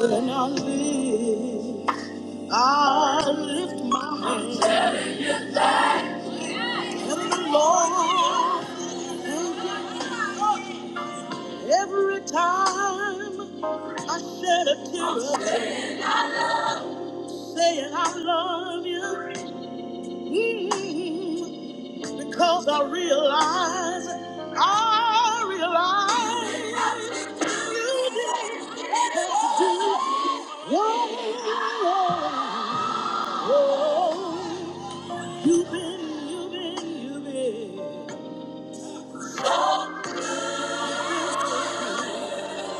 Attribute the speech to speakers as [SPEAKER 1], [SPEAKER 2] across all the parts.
[SPEAKER 1] When I live, I lift my hands and the Lord. thank Every time I shed a tear, saying I love you, mm, because I realize, I realize you didn't have to do. Whoa, You've been, you've been, you've been,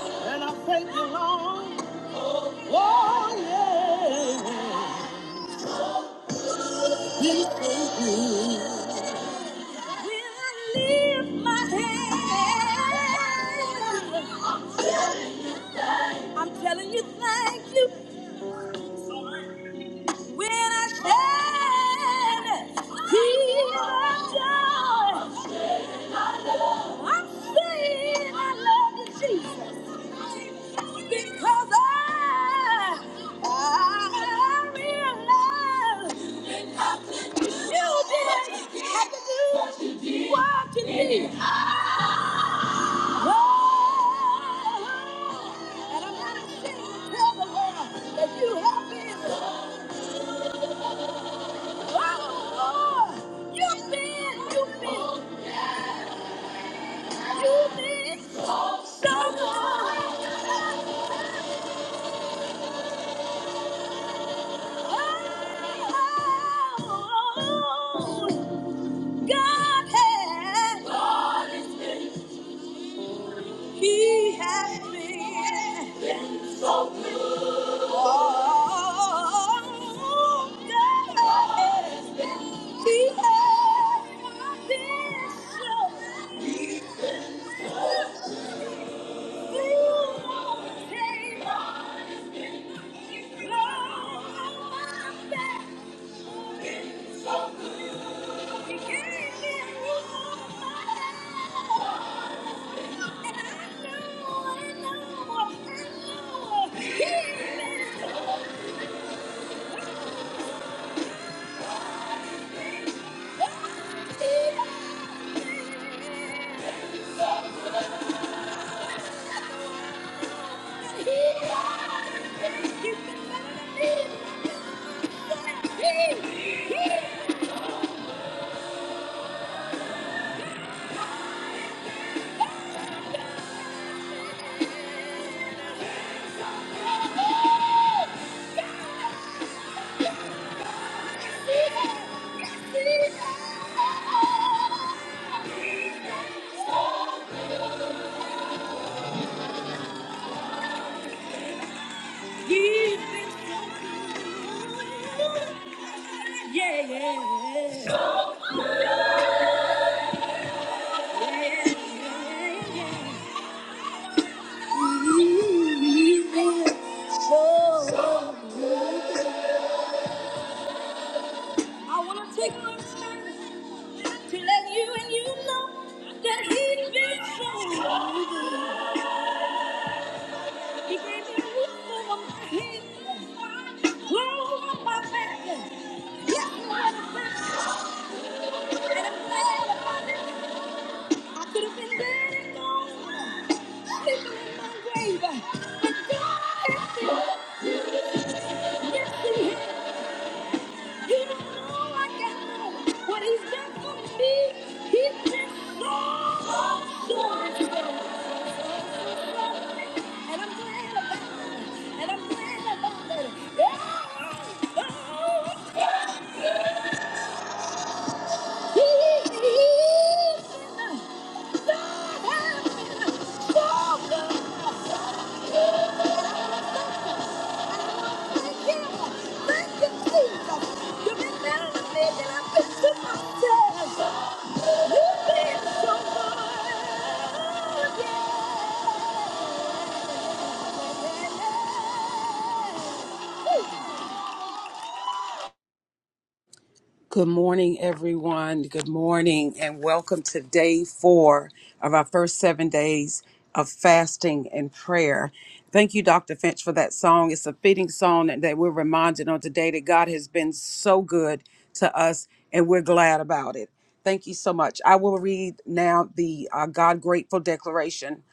[SPEAKER 1] and I thank you, Lord. Oh, yeah, you've been so good. When I lift my hand, I'm telling you thank you. When I stand tears of joy, I'm saying I love you, Jesus. Because I, I realized you didn't have to do what you did. Oh, and I'm not ashamed to tell the world that you have been. Oh, you've been, you've been, you've been so good. Oh, God has, He has been. Oh, God has been. He has been so. You overcame. You closed my back. He gave me a new And I know, I know, I know. He has been. He's been so good. Yeah, yeah, yeah, yeah. He's been so- I wanna take my time to let you and you know that he's been so He gave me a roof over my head, clothes on my back. Yes, so And I'm glad about it. I could have been dead and gone, home, sleeping in my grave. But God has been mercy. You don't know like I know what He's done for me. He's been so, so good. And I'm glad about it. And I'm glad about it. Yeah. Oh, He's been so, so good.
[SPEAKER 2] Good morning, everyone. Good morning, and welcome to day four of our first seven days of fasting and prayer. Thank you, Dr. Finch, for that song. It's a fitting song that that we're reminded on today that God has been so good to us, and we're glad about it. Thank you so much. I will read now the uh, God Grateful Declaration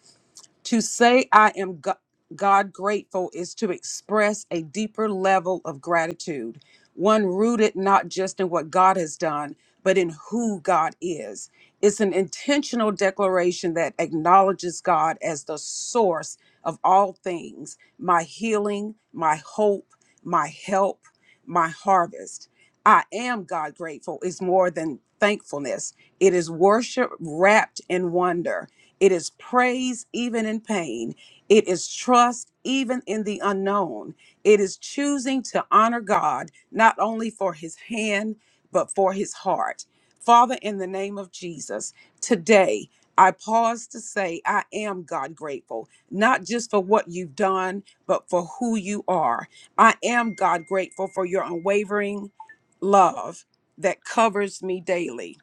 [SPEAKER 2] to say I am Go- God grateful is to express a deeper level of gratitude, one rooted not just in what God has done, but in who God is. It's an intentional declaration that acknowledges God as the source of all things my healing, my hope, my help, my harvest. I am God grateful is more than thankfulness. It is worship wrapped in wonder. It is praise even in pain. It is trust even in the unknown. It is choosing to honor God not only for his hand, but for his heart. Father, in the name of Jesus, today I pause to say, I am God grateful, not just for what you've done, but for who you are. I am God grateful for your unwavering love that covers me daily.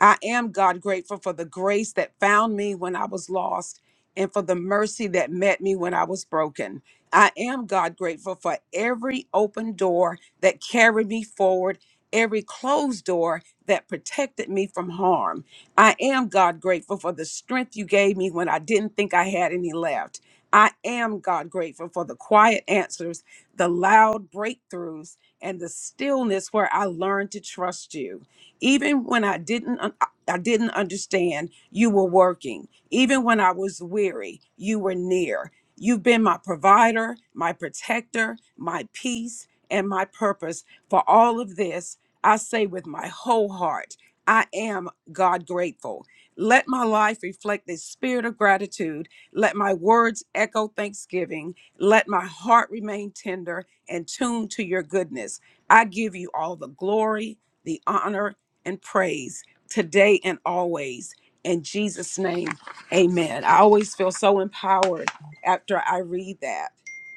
[SPEAKER 2] I am God grateful for the grace that found me when I was lost and for the mercy that met me when I was broken. I am God grateful for every open door that carried me forward, every closed door that protected me from harm. I am God grateful for the strength you gave me when I didn't think I had any left. I am God grateful for the quiet answers, the loud breakthroughs, and the stillness where I learned to trust you. Even when I didn't un- I didn't understand, you were working. Even when I was weary, you were near. You've been my provider, my protector, my peace, and my purpose. For all of this, I say with my whole heart, I am God grateful. Let my life reflect the spirit of gratitude. Let my words echo thanksgiving. Let my heart remain tender and tuned to your goodness. I give you all the glory, the honor, and praise today and always. In Jesus' name, amen. I always feel so empowered after I read that.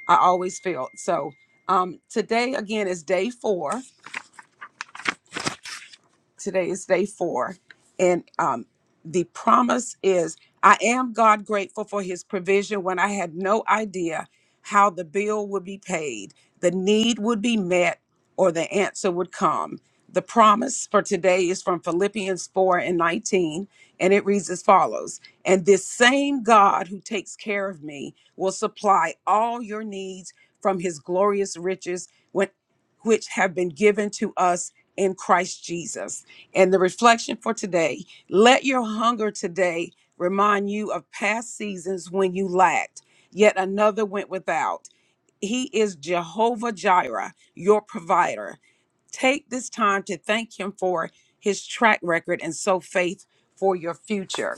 [SPEAKER 2] I always feel so. Um, today, again, is day four. Today is day four. And um, the promise is I am God grateful for his provision when I had no idea how the bill would be paid, the need would be met, or the answer would come. The promise for today is from Philippians 4 and 19, and it reads as follows And this same God who takes care of me will supply all your needs from his glorious riches, when- which have been given to us in Christ Jesus. And the reflection for today let your hunger today remind you of past seasons when you lacked, yet another went without. He is Jehovah Jireh, your provider. Take this time to thank Him for His track record and sow faith for your future.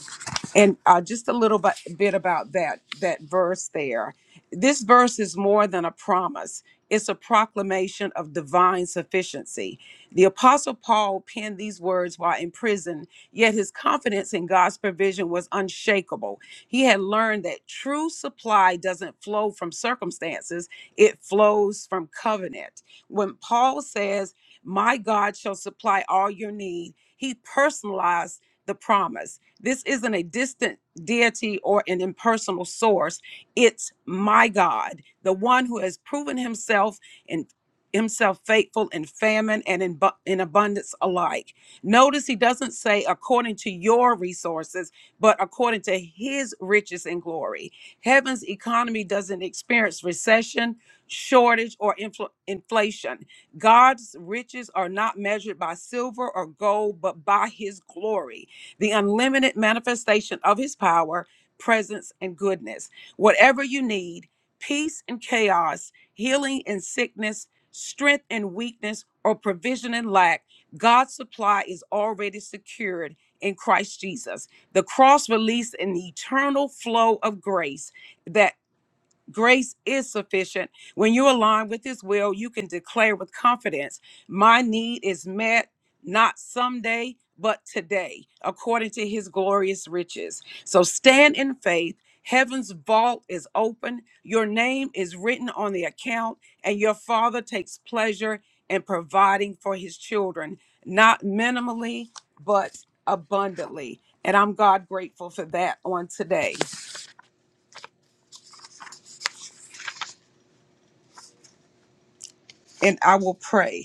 [SPEAKER 2] And uh, just a little bit, bit about that that verse there. This verse is more than a promise. It's a proclamation of divine sufficiency. The Apostle Paul penned these words while in prison, yet his confidence in God's provision was unshakable. He had learned that true supply doesn't flow from circumstances, it flows from covenant. When Paul says, my God shall supply all your need. He personalized the promise. This isn't a distant deity or an impersonal source. It's my God, the one who has proven himself and himself faithful in famine and in, bu- in abundance alike. Notice he doesn't say according to your resources, but according to his riches and glory. Heaven's economy doesn't experience recession, shortage, or infl- inflation. God's riches are not measured by silver or gold, but by his glory, the unlimited manifestation of his power, presence, and goodness. Whatever you need, peace and chaos, healing and sickness, strength and weakness, or provision and lack, God's supply is already secured in Christ Jesus. The cross released an eternal flow of grace that Grace is sufficient. When you align with His will, you can declare with confidence, My need is met, not someday, but today, according to His glorious riches. So stand in faith. Heaven's vault is open. Your name is written on the account, and your Father takes pleasure in providing for His children, not minimally, but abundantly. And I'm God grateful for that on today. And I will pray.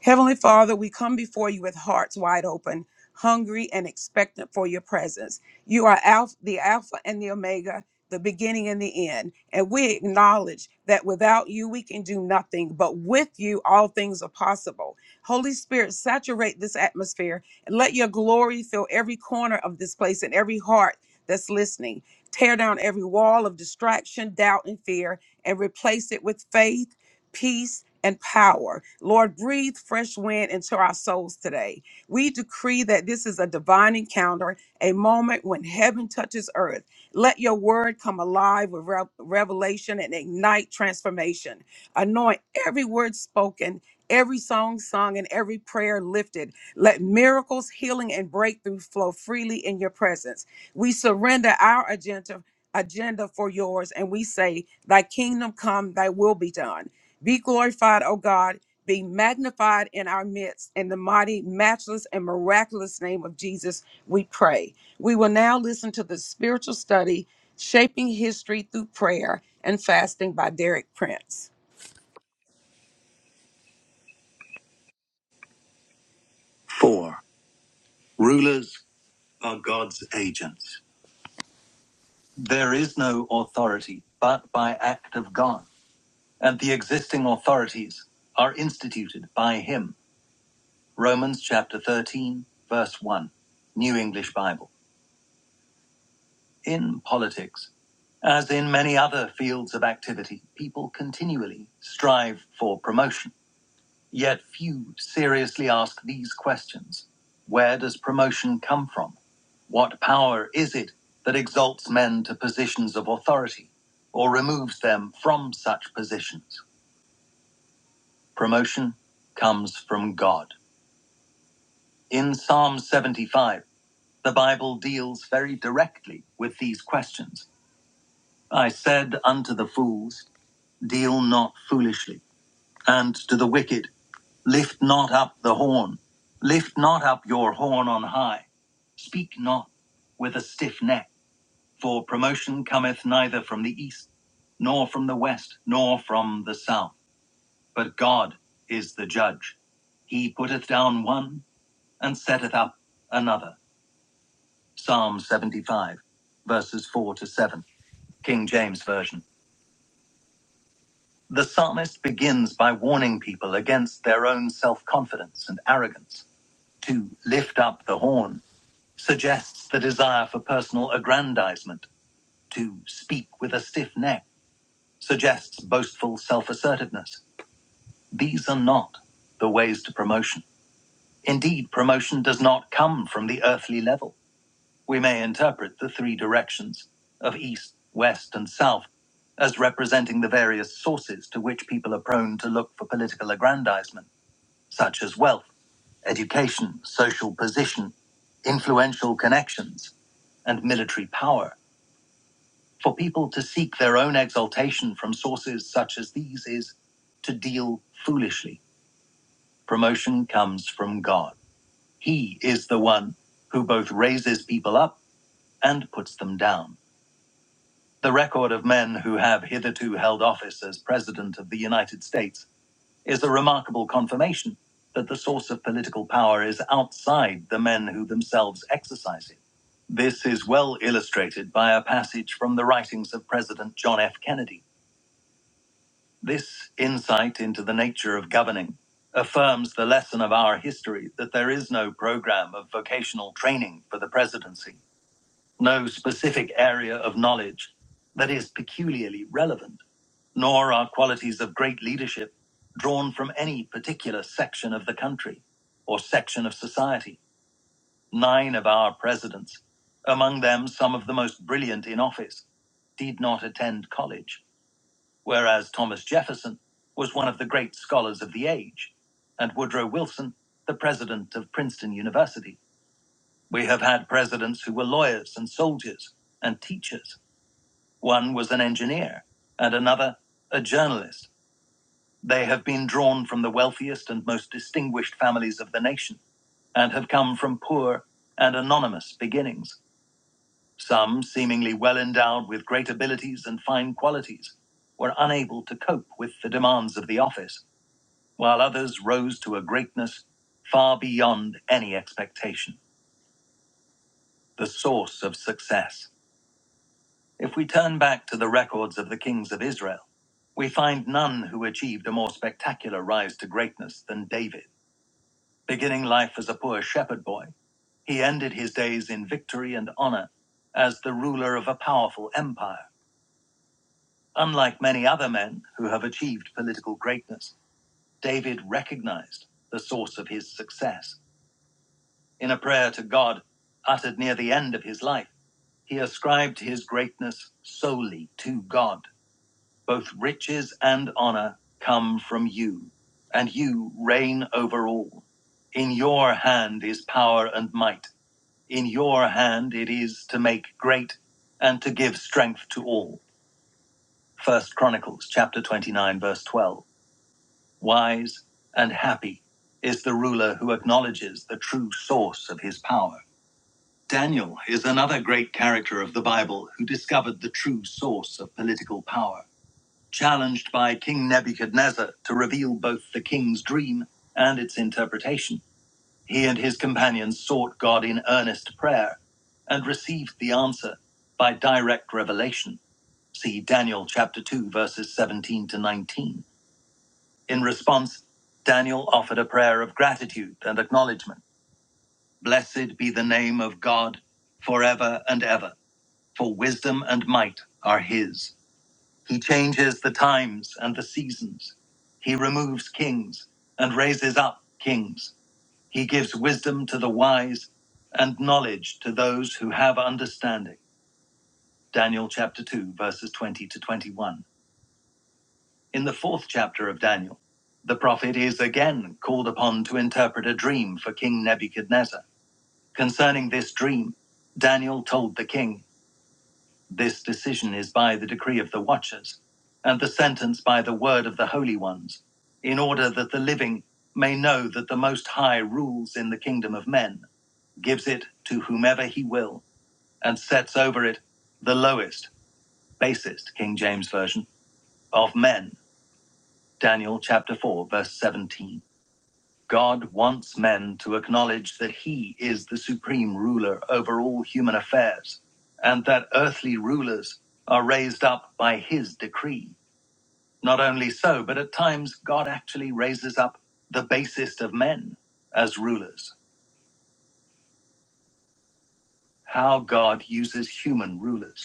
[SPEAKER 2] Heavenly Father, we come before you with hearts wide open, hungry and expectant for your presence. You are Alpha, the Alpha and the Omega, the beginning and the end. And we acknowledge that without you, we can do nothing, but with you, all things are possible. Holy Spirit, saturate this atmosphere and let your glory fill every corner of this place and every heart that's listening. Tear down every wall of distraction, doubt, and fear and replace it with faith peace, and power. Lord, breathe fresh wind into our souls today. We decree that this is a divine encounter, a moment when heaven touches earth. Let your word come alive with rev- revelation and ignite transformation. Anoint every word spoken, every song sung, and every prayer lifted. Let miracles, healing, and breakthrough flow freely in your presence. We surrender our agenda agenda for yours and we say thy kingdom come thy will be done be glorified, O God. Be magnified in our midst. In the mighty, matchless, and miraculous name of Jesus, we pray. We will now listen to the spiritual study, Shaping History Through Prayer and Fasting by Derek Prince.
[SPEAKER 1] Four. Rulers are God's agents. There is no authority but by act of God, and the existing authorities are instituted by him. Romans chapter 13, verse 1, New English Bible. In politics, as in many other fields of activity, people continually strive for promotion. Yet few seriously ask these questions Where does promotion come from? What power is it that exalts men to positions of authority or removes them from such positions? Promotion comes from God. In Psalm 75, the Bible deals very directly with these questions. I said unto the fools, deal not foolishly, and to the wicked, lift not up the horn. Lift not up your horn on high. Speak not with a stiff neck, for promotion cometh neither from the east, nor from the west, nor from the south. But God is the judge. He putteth down one and setteth up another. Psalm 75, verses 4 to 7, King James Version. The psalmist begins by warning people against their own self confidence and arrogance to lift up the horn suggests the desire for personal aggrandizement. To speak with a stiff neck suggests boastful self assertiveness. These are not the ways to promotion. Indeed, promotion does not come from the earthly level. We may interpret the three directions of east, west, and south as representing the various sources to which people are prone to look for political aggrandizement, such as wealth, education, social position, influential connections, and military power. For people to seek their own exaltation from sources such as these is to deal foolishly. Promotion comes from God. He is the one who both raises people up and puts them down. The record of men who have hitherto held office as President of the United States is the remarkable confirmation that the source of political power is outside the men who themselves exercise it. This is well illustrated by a passage from the writings of President John F. Kennedy. This insight into the nature of governing affirms the lesson of our history that there is no program of vocational training for the presidency, no specific area of knowledge that is peculiarly relevant nor are qualities of great leadership drawn from any particular section of the country or section of society. Nine of our presidents, among them some of the most brilliant in office, did not attend college, whereas Thomas Jefferson was one of the great scholars of the age, and Woodrow Wilson, the president of Princeton University. We have had presidents who were lawyers and soldiers and teachers. One was an engineer, and another a journalist They have been drawn from the wealthiest and most distinguished families of the nation, and have come from poor and anonymous beginnings. Some, seemingly well endowed with great abilities and fine qualities, were unable to cope with the demands of the office, while others rose to a greatness far beyond any expectation, the source of success. If we turn back to the records of the kings of Israel, we find none who achieved a more spectacular rise to greatness than David. Beginning life as a poor shepherd boy, he ended his days in victory and honor as the ruler of a powerful empire. Unlike many other men who have achieved political greatness, David recognized the source of his success. In a prayer to God, uttered near the end of his life, he ascribed his greatness solely to God. Both riches and honor come from you, and you reign over all. In your hand is power and might. In your hand it is to make great and to give strength to all. First Chronicles chapter 29 verse 12. Wise and happy is the ruler who acknowledges the true source of his power. Daniel is another great character of the Bible who discovered the true source of political power. Challenged by King Nebuchadnezzar to reveal both the king's dream and its interpretation, He and his companions sought God in earnest prayer and received the answer by direct revelation. See Daniel chapter 2 verses 17 to 19. In response, Daniel offered a prayer of gratitude and acknowledgement. Blessed be the name of God forever and ever, for wisdom and might are his. He changes the times and the seasons. He removes kings and raises up kings. He gives wisdom to the wise and knowledge to those who have understanding. Daniel chapter 2, verses 20 to 21. In the fourth chapter of Daniel, the prophet is again called upon to interpret a dream for King Nebuchadnezzar. Concerning this dream, Daniel told the king, This decision is by the decree of the watchers, and the sentence by the word of the holy ones, in order that the living may know that the Most High rules in the kingdom of men gives it to whomever he will, and sets over it the lowest, basest King James Version of men. Daniel chapter 4, verse 17. God wants men to acknowledge that he is the supreme ruler over all human affairs, and that earthly rulers are raised up by his decree. Not only so, but at times God actually raises up the basest of men as rulers. How God uses human rulers.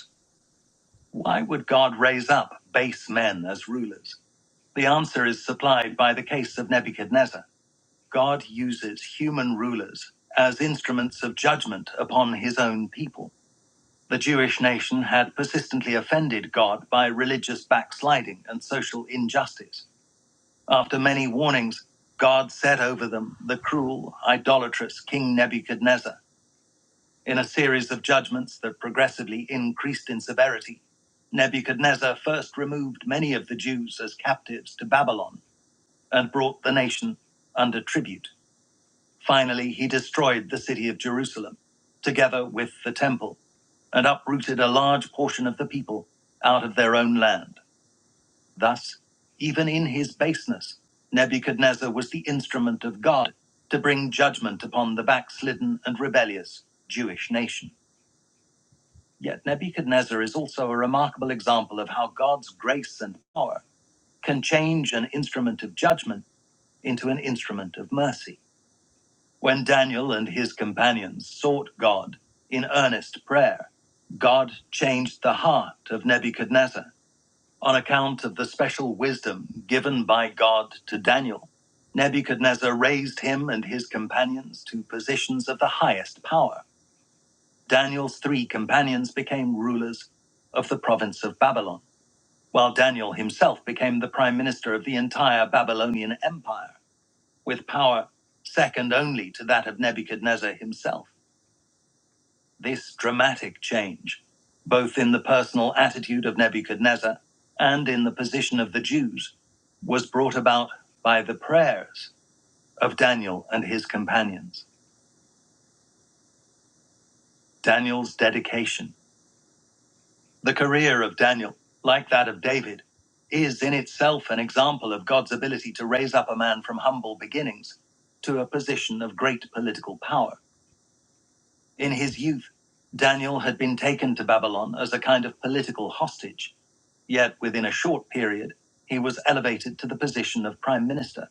[SPEAKER 1] Why would God raise up base men as rulers? The answer is supplied by the case of Nebuchadnezzar. God uses human rulers as instruments of judgment upon his own people. The Jewish nation had persistently offended God by religious backsliding and social injustice. After many warnings, God set over them the cruel, idolatrous King Nebuchadnezzar in a series of judgments that progressively increased in severity, Nebuchadnezzar first removed many of the Jews as captives to Babylon and brought the nation under tribute. Finally, he destroyed the city of Jerusalem, together with the temple, and uprooted a large portion of the people out of their own land. Thus, even in his baseness, Nebuchadnezzar was the instrument of God to bring judgment upon the backslidden and rebellious Jewish nation. Yet Nebuchadnezzar is also a remarkable example of how God's grace and power can change an instrument of judgment into an instrument of mercy. When Daniel and his companions sought God in earnest prayer, God changed the heart of Nebuchadnezzar on account of the special wisdom given by God to Daniel. Nebuchadnezzar raised him and his companions to positions of the highest power Daniel's three companions became rulers of the province of Babylon, while Daniel himself became the prime minister of the entire Babylonian empire, with power second only to that of Nebuchadnezzar himself. This dramatic change, both in the personal attitude of Nebuchadnezzar and in the position of the Jews, was brought about by the prayers of Daniel and his companions. Daniel's dedication The career of Daniel, like that of David, is in itself an example of God's ability to raise up a man from humble beginnings to a position of great political power. In his youth, Daniel had been taken to Babylon as a kind of political hostage, yet within a short period, he was elevated to the position of prime minister.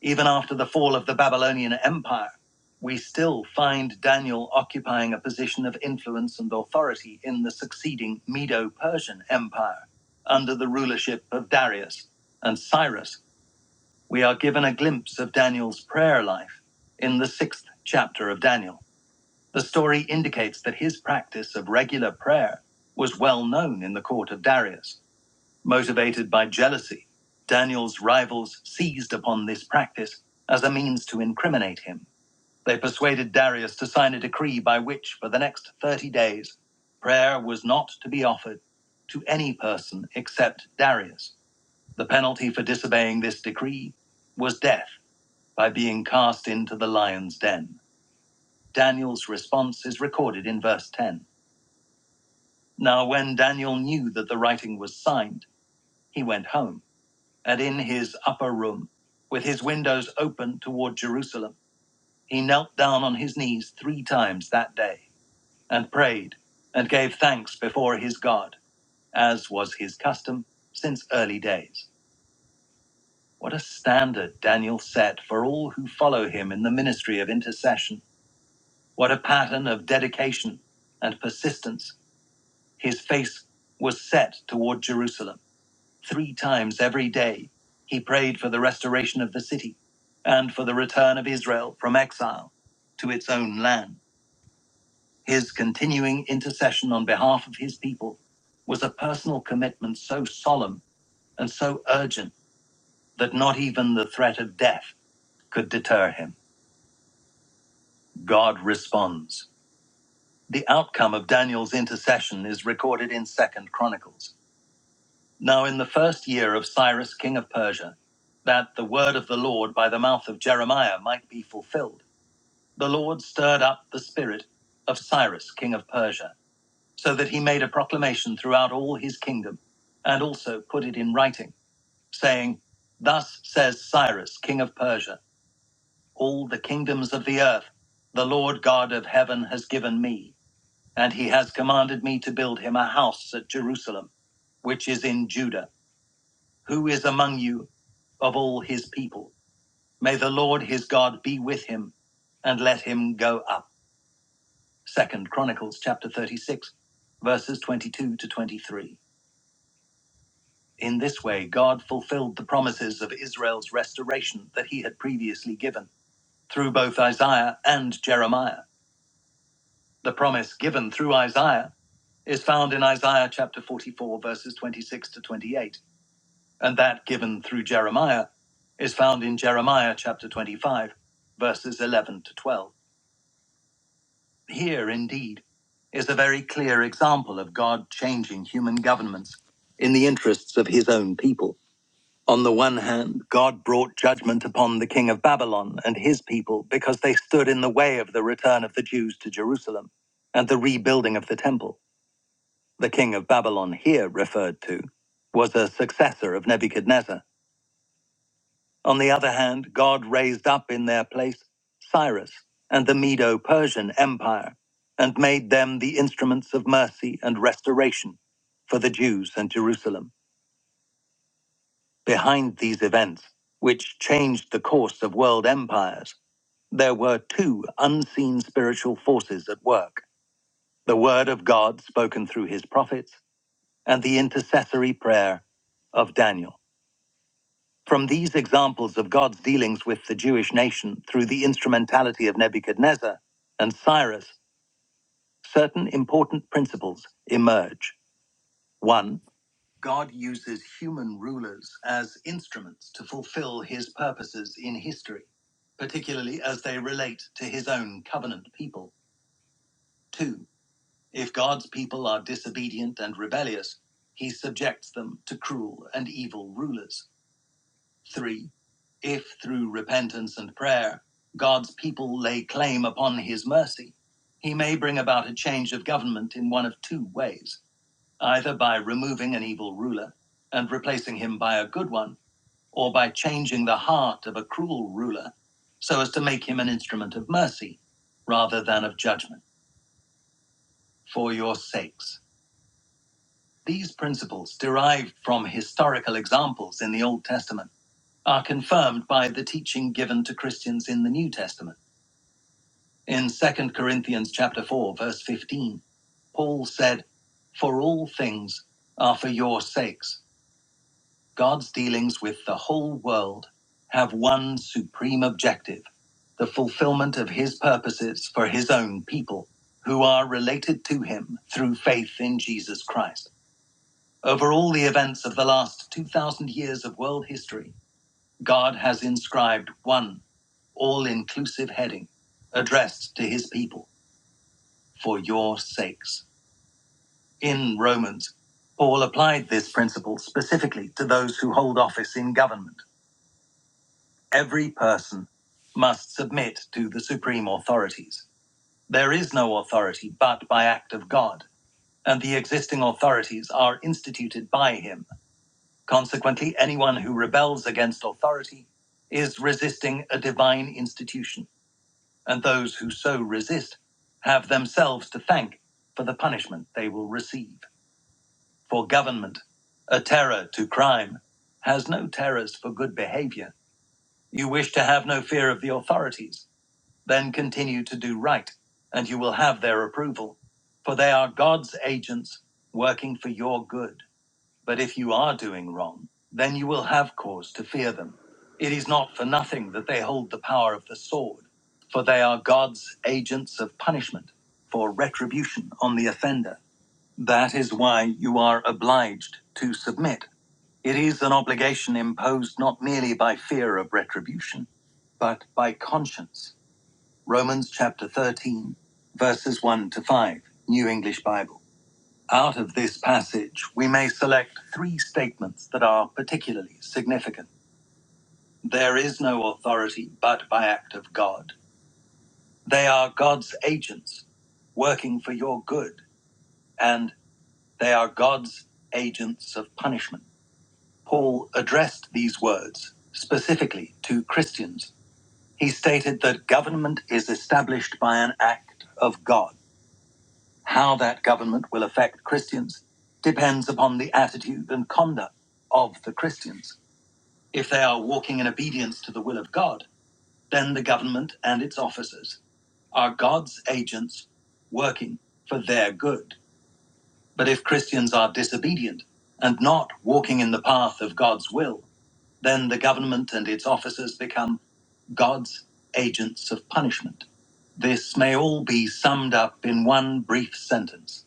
[SPEAKER 1] Even after the fall of the Babylonian Empire, we still find Daniel occupying a position of influence and authority in the succeeding Medo Persian Empire. Under the rulership of Darius and Cyrus, we are given a glimpse of Daniel's prayer life in the sixth chapter of Daniel. The story indicates that his practice of regular prayer was well known in the court of Darius. Motivated by jealousy, Daniel's rivals seized upon this practice as a means to incriminate him. They persuaded Darius to sign a decree by which, for the next 30 days, prayer was not to be offered to any person except Darius. The penalty for disobeying this decree was death by being cast into the lion's den. Daniel's response is recorded in verse 10. Now, when Daniel knew that the writing was signed, he went home and in his upper room, with his windows open toward Jerusalem, he knelt down on his knees three times that day and prayed and gave thanks before his God, as was his custom since early days. What a standard Daniel set for all who follow him in the ministry of intercession. What a pattern of dedication and persistence. His face was set toward Jerusalem Three times every day, he prayed for the restoration of the city and for the return of Israel from exile to its own land. His continuing intercession on behalf of his people was a personal commitment so solemn and so urgent that not even the threat of death could deter him. God responds. The outcome of Daniel's intercession is recorded in Second Chronicles. Now in the first year of Cyrus king of Persia, that the word of the Lord by the mouth of Jeremiah might be fulfilled, the Lord stirred up the spirit of Cyrus king of Persia, so that he made a proclamation throughout all his kingdom, and also put it in writing, saying, Thus says Cyrus king of Persia, all the kingdoms of the earth, the Lord God of heaven has given me, and he has commanded me to build him a house at Jerusalem, which is in Judah who is among you of all his people? May the Lord his God be with him and let him go up. Second Chronicles chapter 36, verses 22 to 23. In this way, God fulfilled the promises of Israel's restoration that he had previously given through both Isaiah and Jeremiah. The promise given through Isaiah is found in Isaiah chapter 44, verses 26 to 28 And that given through Jeremiah is found in Jeremiah chapter 25, verses 11 to 12. Here, indeed, is a very clear example of God changing human governments in the interests of his own people. On the one hand, God brought judgment upon the king of Babylon and his people because they stood in the way of the return of the Jews to Jerusalem and the rebuilding of the temple. The king of Babylon, here referred to, was a successor of Nebuchadnezzar On the other hand, God raised up in their place Cyrus and the Medo Persian Empire and made them the instruments of mercy and restoration for the Jews and Jerusalem. Behind these events, which changed the course of world empires, there were two unseen spiritual forces at work the Word of God spoken through his prophets and the intercessory prayer of Daniel. From these examples of God's dealings with the Jewish nation through the instrumentality of Nebuchadnezzar and Cyrus, certain important principles emerge. One, God uses human rulers as instruments to fulfill his purposes in history, particularly as they relate to his own covenant people. Two, if God's people are disobedient and rebellious, he subjects them to cruel and evil rulers. 3. If through repentance and prayer God's people lay claim upon his mercy, he may bring about a change of government in one of two ways either by removing an evil ruler and replacing him by a good one, or by changing the heart of a cruel ruler so as to make him an instrument of mercy rather than of judgment. For your sakes. These principles derived from historical examples in the Old Testament are confirmed by the teaching given to Christians in the New Testament. In Second Corinthians chapter 4 verse 15, Paul said, "For all things are for your sakes. God's dealings with the whole world have one supreme objective, the fulfillment of his purposes for his own people, who are related to him through faith in Jesus Christ." Over all the events of the last 2000 years of world history, God has inscribed one all inclusive heading addressed to his people for your sakes. In Romans, Paul applied this principle specifically to those who hold office in government. Every person must submit to the supreme authorities. There is no authority but by act of God, and the existing authorities are instituted by him. Consequently, anyone who rebels against authority is resisting a divine institution and those who so resist have themselves to thank for the punishment they will receive. For government, a terror to crime, has no terrors for good behavior. You wish to have no fear of the authorities, then continue to do right, and you will have their approval, for they are God's agents working for your good. But if you are doing wrong, then you will have cause to fear them. It is not for nothing that they hold the power of the sword, for they are God's agents of punishment, for retribution on the offender. That is why you are obliged to submit. It is an obligation imposed not merely by fear of retribution, but by conscience. Romans chapter 13, verses 1 to 5, New English Bible. Out of this passage, we may select three statements that are particularly significant. There is no authority but by act of God. They are God's agents working for your good, and they are God's agents of punishment. Paul addressed these words specifically to Christians. He stated that government is established by an act of God. How that government will affect Christians depends upon the attitude and conduct of the Christians. If they are walking in obedience to the will of God, then the government and its officers are God's agents working for their good. But if Christians are disobedient and not walking in the path of God's will, then the government and its officers become God's agents of punishment. This may all be summed up in one brief sentence.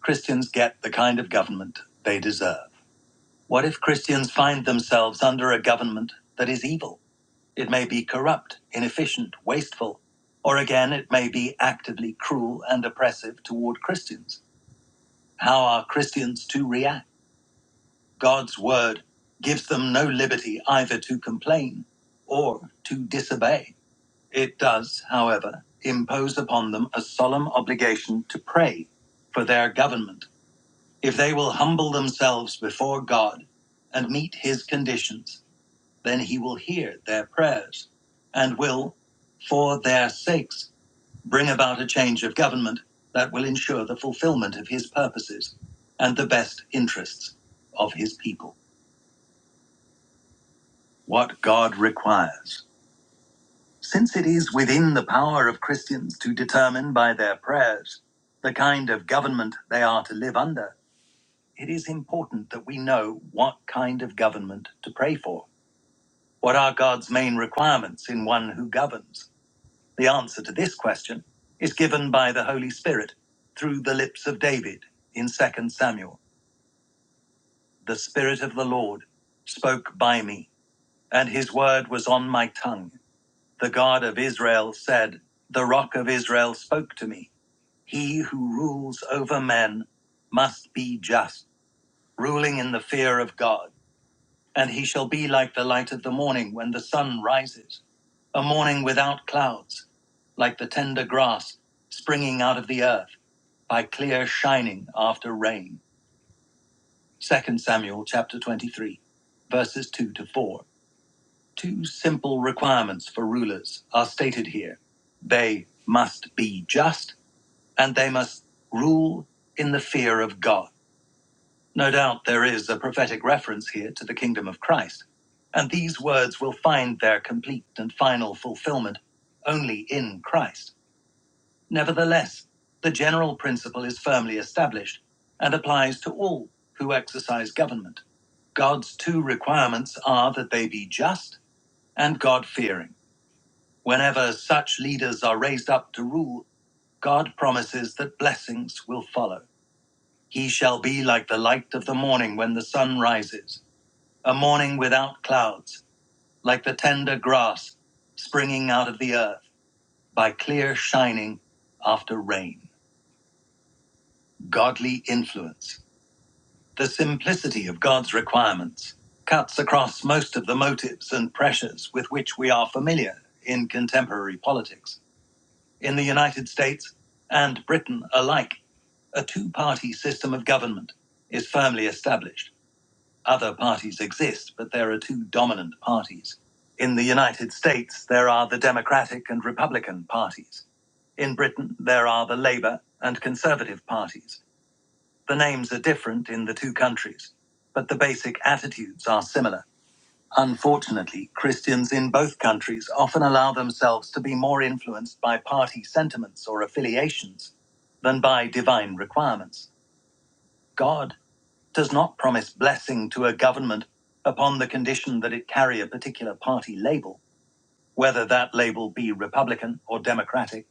[SPEAKER 1] Christians get the kind of government they deserve. What if Christians find themselves under a government that is evil? It may be corrupt, inefficient, wasteful, or again, it may be actively cruel and oppressive toward Christians. How are Christians to react? God's word gives them no liberty either to complain or to disobey. It does, however, impose upon them a solemn obligation to pray for their government If they will humble themselves before God and meet his conditions, then he will hear their prayers and will, for their sakes, bring about a change of government that will ensure the fulfillment of his purposes and the best interests of his people. What God requires. Since it is within the power of Christians to determine by their prayers the kind of government they are to live under, It is important that we know what kind of government to pray for. What are God's main requirements in one who governs? The answer to this question is given by the Holy Spirit through the lips of David in Second Samuel. The Spirit of the Lord spoke by me, and his word was on my tongue. The God of Israel said, The rock of Israel spoke to me. He who rules over men must be just, ruling in the fear of God. and he shall be like the light of the morning when the sun rises, a morning without clouds, like the tender grass springing out of the earth by clear shining after rain. Second Samuel chapter 23, verses 2 to 4. Two simple requirements for rulers are stated here. They must be just, and they must rule in the fear of God. No doubt there is a prophetic reference here to the kingdom of Christ, and these words will find their complete and final fulfillment only in Christ. Nevertheless, the general principle is firmly established and applies to all who exercise government. God's two requirements are that they be just and God fearing. Whenever such leaders are raised up to rule, God promises that blessings will follow. He shall be like the light of the morning when the sun rises A morning without clouds, like the tender grass springing out of the earth by clear shining after rain. Godly influence. The simplicity of God's requirements cuts across most of the motives and pressures with which we are familiar in contemporary politics. In the United States and Britain alike, a two party system of government is firmly established Other parties exist, but there are two dominant parties. In the United States, there are the Democratic and Republican parties. In Britain, there are the Labour and Conservative parties. The names are different in the two countries, but the basic attitudes are similar. Unfortunately, Christians in both countries often allow themselves to be more influenced by party sentiments or affiliations than by divine requirements. God does not promise blessing to a government upon the condition that it carry a particular party label, whether that label be Republican or Democratic,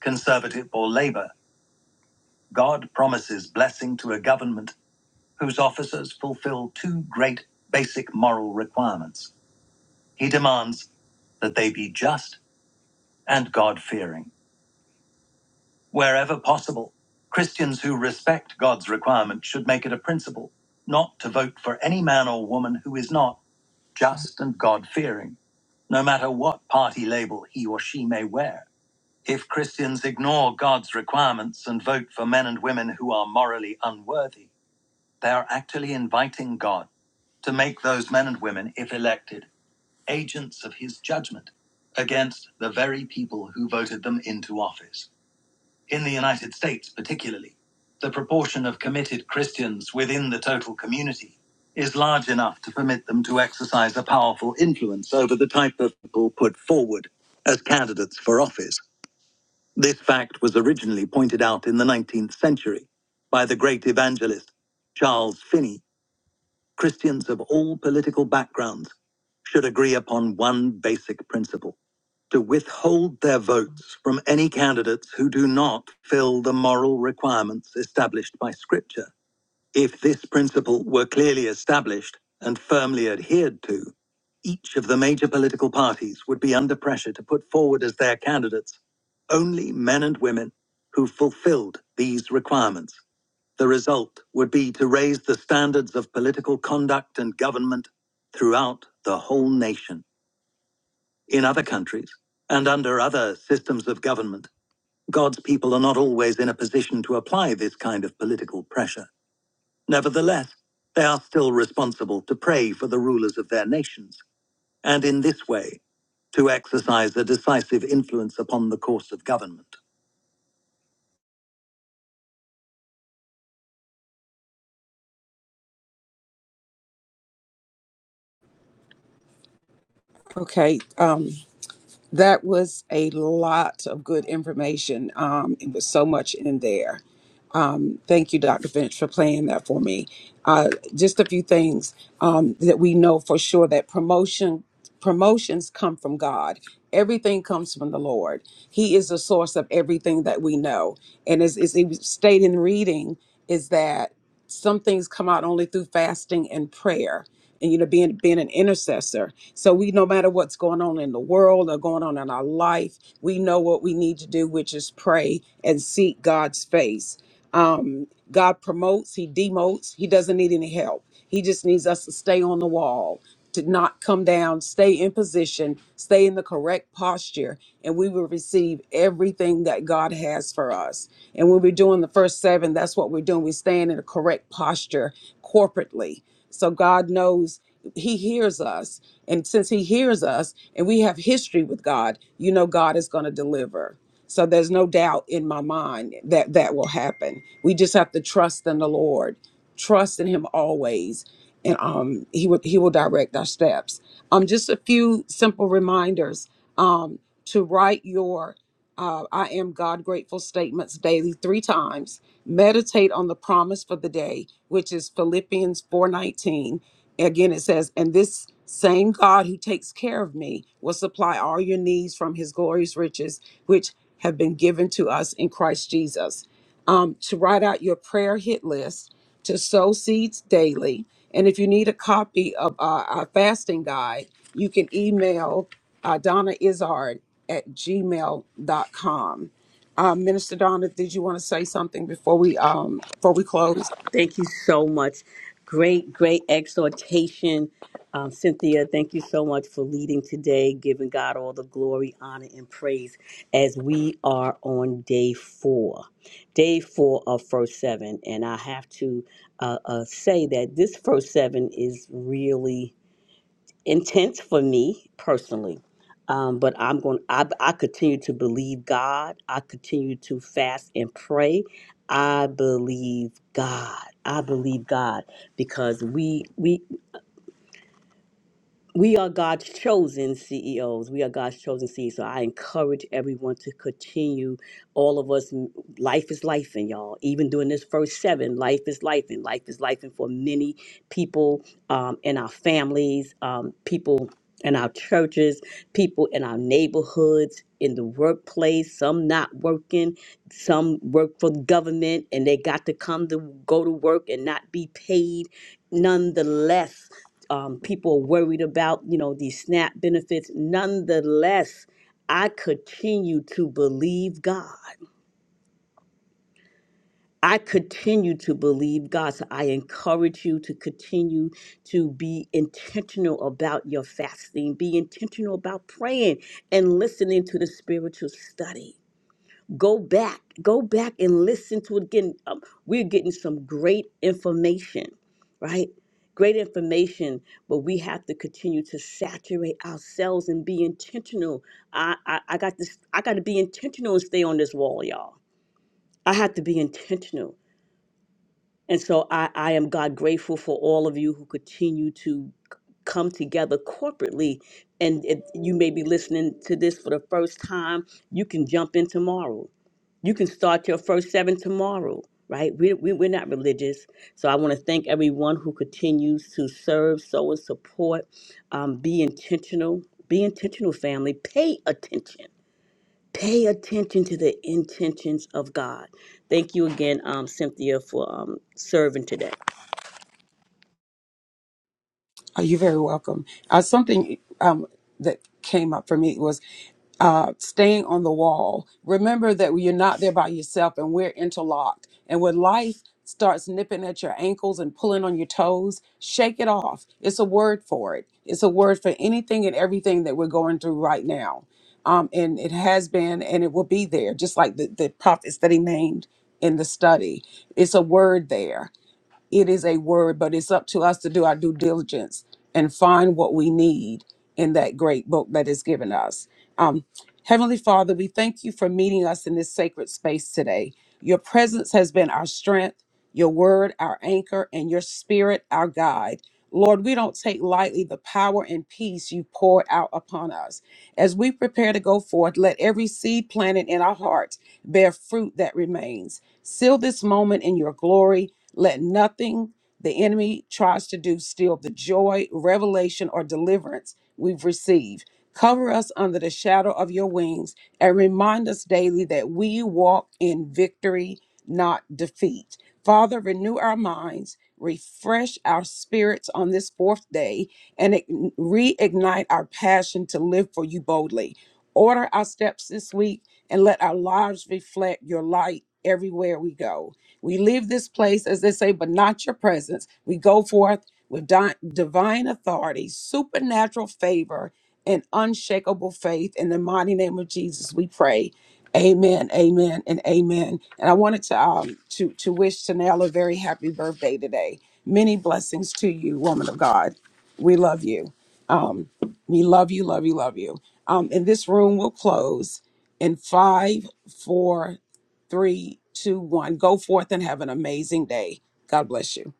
[SPEAKER 1] Conservative or Labor. God promises blessing to a government whose officers fulfill two great basic moral requirements. He demands that they be just and God fearing. Wherever possible, Christians who respect God's requirement should make it a principle not to vote for any man or woman who is not just and God fearing no matter what party label he or she may wear. If Christians ignore God's requirements and vote for men and women who are morally unworthy, they are actually inviting God to make those men and women, if elected, agents of his judgment against the very people who voted them into office. In the United States, particularly, the proportion of committed Christians within the total community is large enough to permit them to exercise a powerful influence over the type of people put forward as candidates for office. This fact was originally pointed out in the 19th century by the great evangelist Charles Finney. Christians of all political backgrounds should agree upon one basic principle to withhold their votes from any candidates who do not fill the moral requirements established by Scripture. If this principle were clearly established and firmly adhered to, each of the major political parties would be under pressure to put forward as their candidates only men and women who fulfilled these requirements. The result would be to raise the standards of political conduct and government throughout the whole nation. In other countries, and under other systems of government, God's people are not always in a position to apply this kind of political pressure. Nevertheless, they are still responsible to pray for the rulers of their nations, and in this way, to exercise a decisive influence upon the course of government.
[SPEAKER 2] Okay, um, That was a lot of good information. Um, it was so much in there. Um, thank you, Dr. Finch, for playing that for me. Uh, just a few things um, that we know for sure that promotion promotions come from God. Everything comes from the Lord. He is the source of everything that we know. And as, as it was stated in reading, is that some things come out only through fasting and prayer, and you know, being being an intercessor. So we, no matter what's going on in the world or going on in our life, we know what we need to do, which is pray and seek God's face. Um, God promotes, He demotes, He doesn't need any help. He just needs us to stay on the wall, to not come down, stay in position, stay in the correct posture, and we will receive everything that God has for us. And when we're doing the first seven, that's what we're doing. We're staying in a correct posture corporately. So God knows he hears us and since he hears us and we have history with god you know god is going to deliver so there's no doubt in my mind that that will happen we just have to trust in the lord trust in him always and um he will he will direct our steps um just a few simple reminders um to write your uh, I am God grateful statements daily three times. Meditate on the promise for the day, which is Philippians 4:19 Again, it says, And this same God who takes care of me will supply all your needs from his glorious riches, which have been given to us in Christ Jesus. Um, to write out your prayer hit list, to sow seeds daily. And if you need a copy of uh, our fasting guide, you can email uh, Donna Izard at gmail.com. Uh, Minister Donna, did you want to say something before we um, before we close?
[SPEAKER 3] Thank you so much. Great, great exhortation. Um, Cynthia, thank you so much for leading today, giving God all the glory, honor, and praise as we are on day four, day four of first seven. And I have to uh, uh, say that this first seven is really intense for me personally. Um, but I'm going. I, I continue to believe God. I continue to fast and pray. I believe God. I believe God because we we we are God's chosen CEOs. We are God's chosen CEOs. So I encourage everyone to continue. All of us, m- life is life, and y'all. Even during this first seven, life is life, and life is life, and for many people um, in our families, um, people in our churches, people in our neighborhoods, in the workplace. Some not working. Some work for the government, and they got to come to go to work and not be paid. Nonetheless um, people are worried about, you know, these SNAP benefits. Nonetheless, I continue to believe God. I continue to believe God. So I encourage you to continue to be intentional about your fasting, be intentional about praying and listening to the spiritual study. Go back, go back and listen to it again. Um, we're getting some great information, right? Great information, but we have to continue to saturate ourselves and be intentional. I, I, I got this. I got to be intentional and stay on this wall, y'all. I have to be intentional, and so I, I am God grateful for all of you who continue to c- come together corporately. And if you may be listening to this for the first time, you can jump in tomorrow you can start your first seven tomorrow right we, we, we're not religious so i want to thank everyone who continues to serve sow and support um, be intentional be intentional family pay attention pay attention to the intentions of god thank you again um, cynthia for um, serving today
[SPEAKER 2] Oh, you're very welcome. Uh, something um, that came up for me was uh, staying on the wall. Remember that you're not there by yourself and we're interlocked. And when life starts nipping at your ankles and pulling on your toes, shake it off. It's a word for it, it's a word for anything and everything that we're going through right now. Um, and it has been and it will be there, just like the, the prophets that he named in the study. It's a word there it is a word, but it's up to us to do our due diligence and find what we need in that great book that is given us. Um, Heavenly Father, we thank you for meeting us in this sacred space today. Your presence has been our strength, your word, our anchor, and your spirit, our guide. Lord, we don't take lightly the power and peace you poured out upon us. As we prepare to go forth, let every seed planted in our hearts bear fruit that remains. Seal this moment in your glory let nothing the enemy tries to do steal the joy, revelation, or deliverance we've received. Cover us under the shadow of your wings and remind us daily that we walk in victory, not defeat. Father, renew our minds, refresh our spirits on this fourth day, and ign- reignite our passion to live for you boldly. Order our steps this week and let our lives reflect your light everywhere we go. We leave this place, as they say, but not your presence. We go forth with di- divine authority, supernatural favor, and unshakable faith. In the mighty name of Jesus, we pray. Amen, amen, and amen. And I wanted to um, to to wish Tanel a very happy birthday today. Many blessings to you, woman of God. We love you. Um, we love you, love you, love you. Um, and this room will close in five, four, three, two, one. Go forth and have an amazing day. God bless you.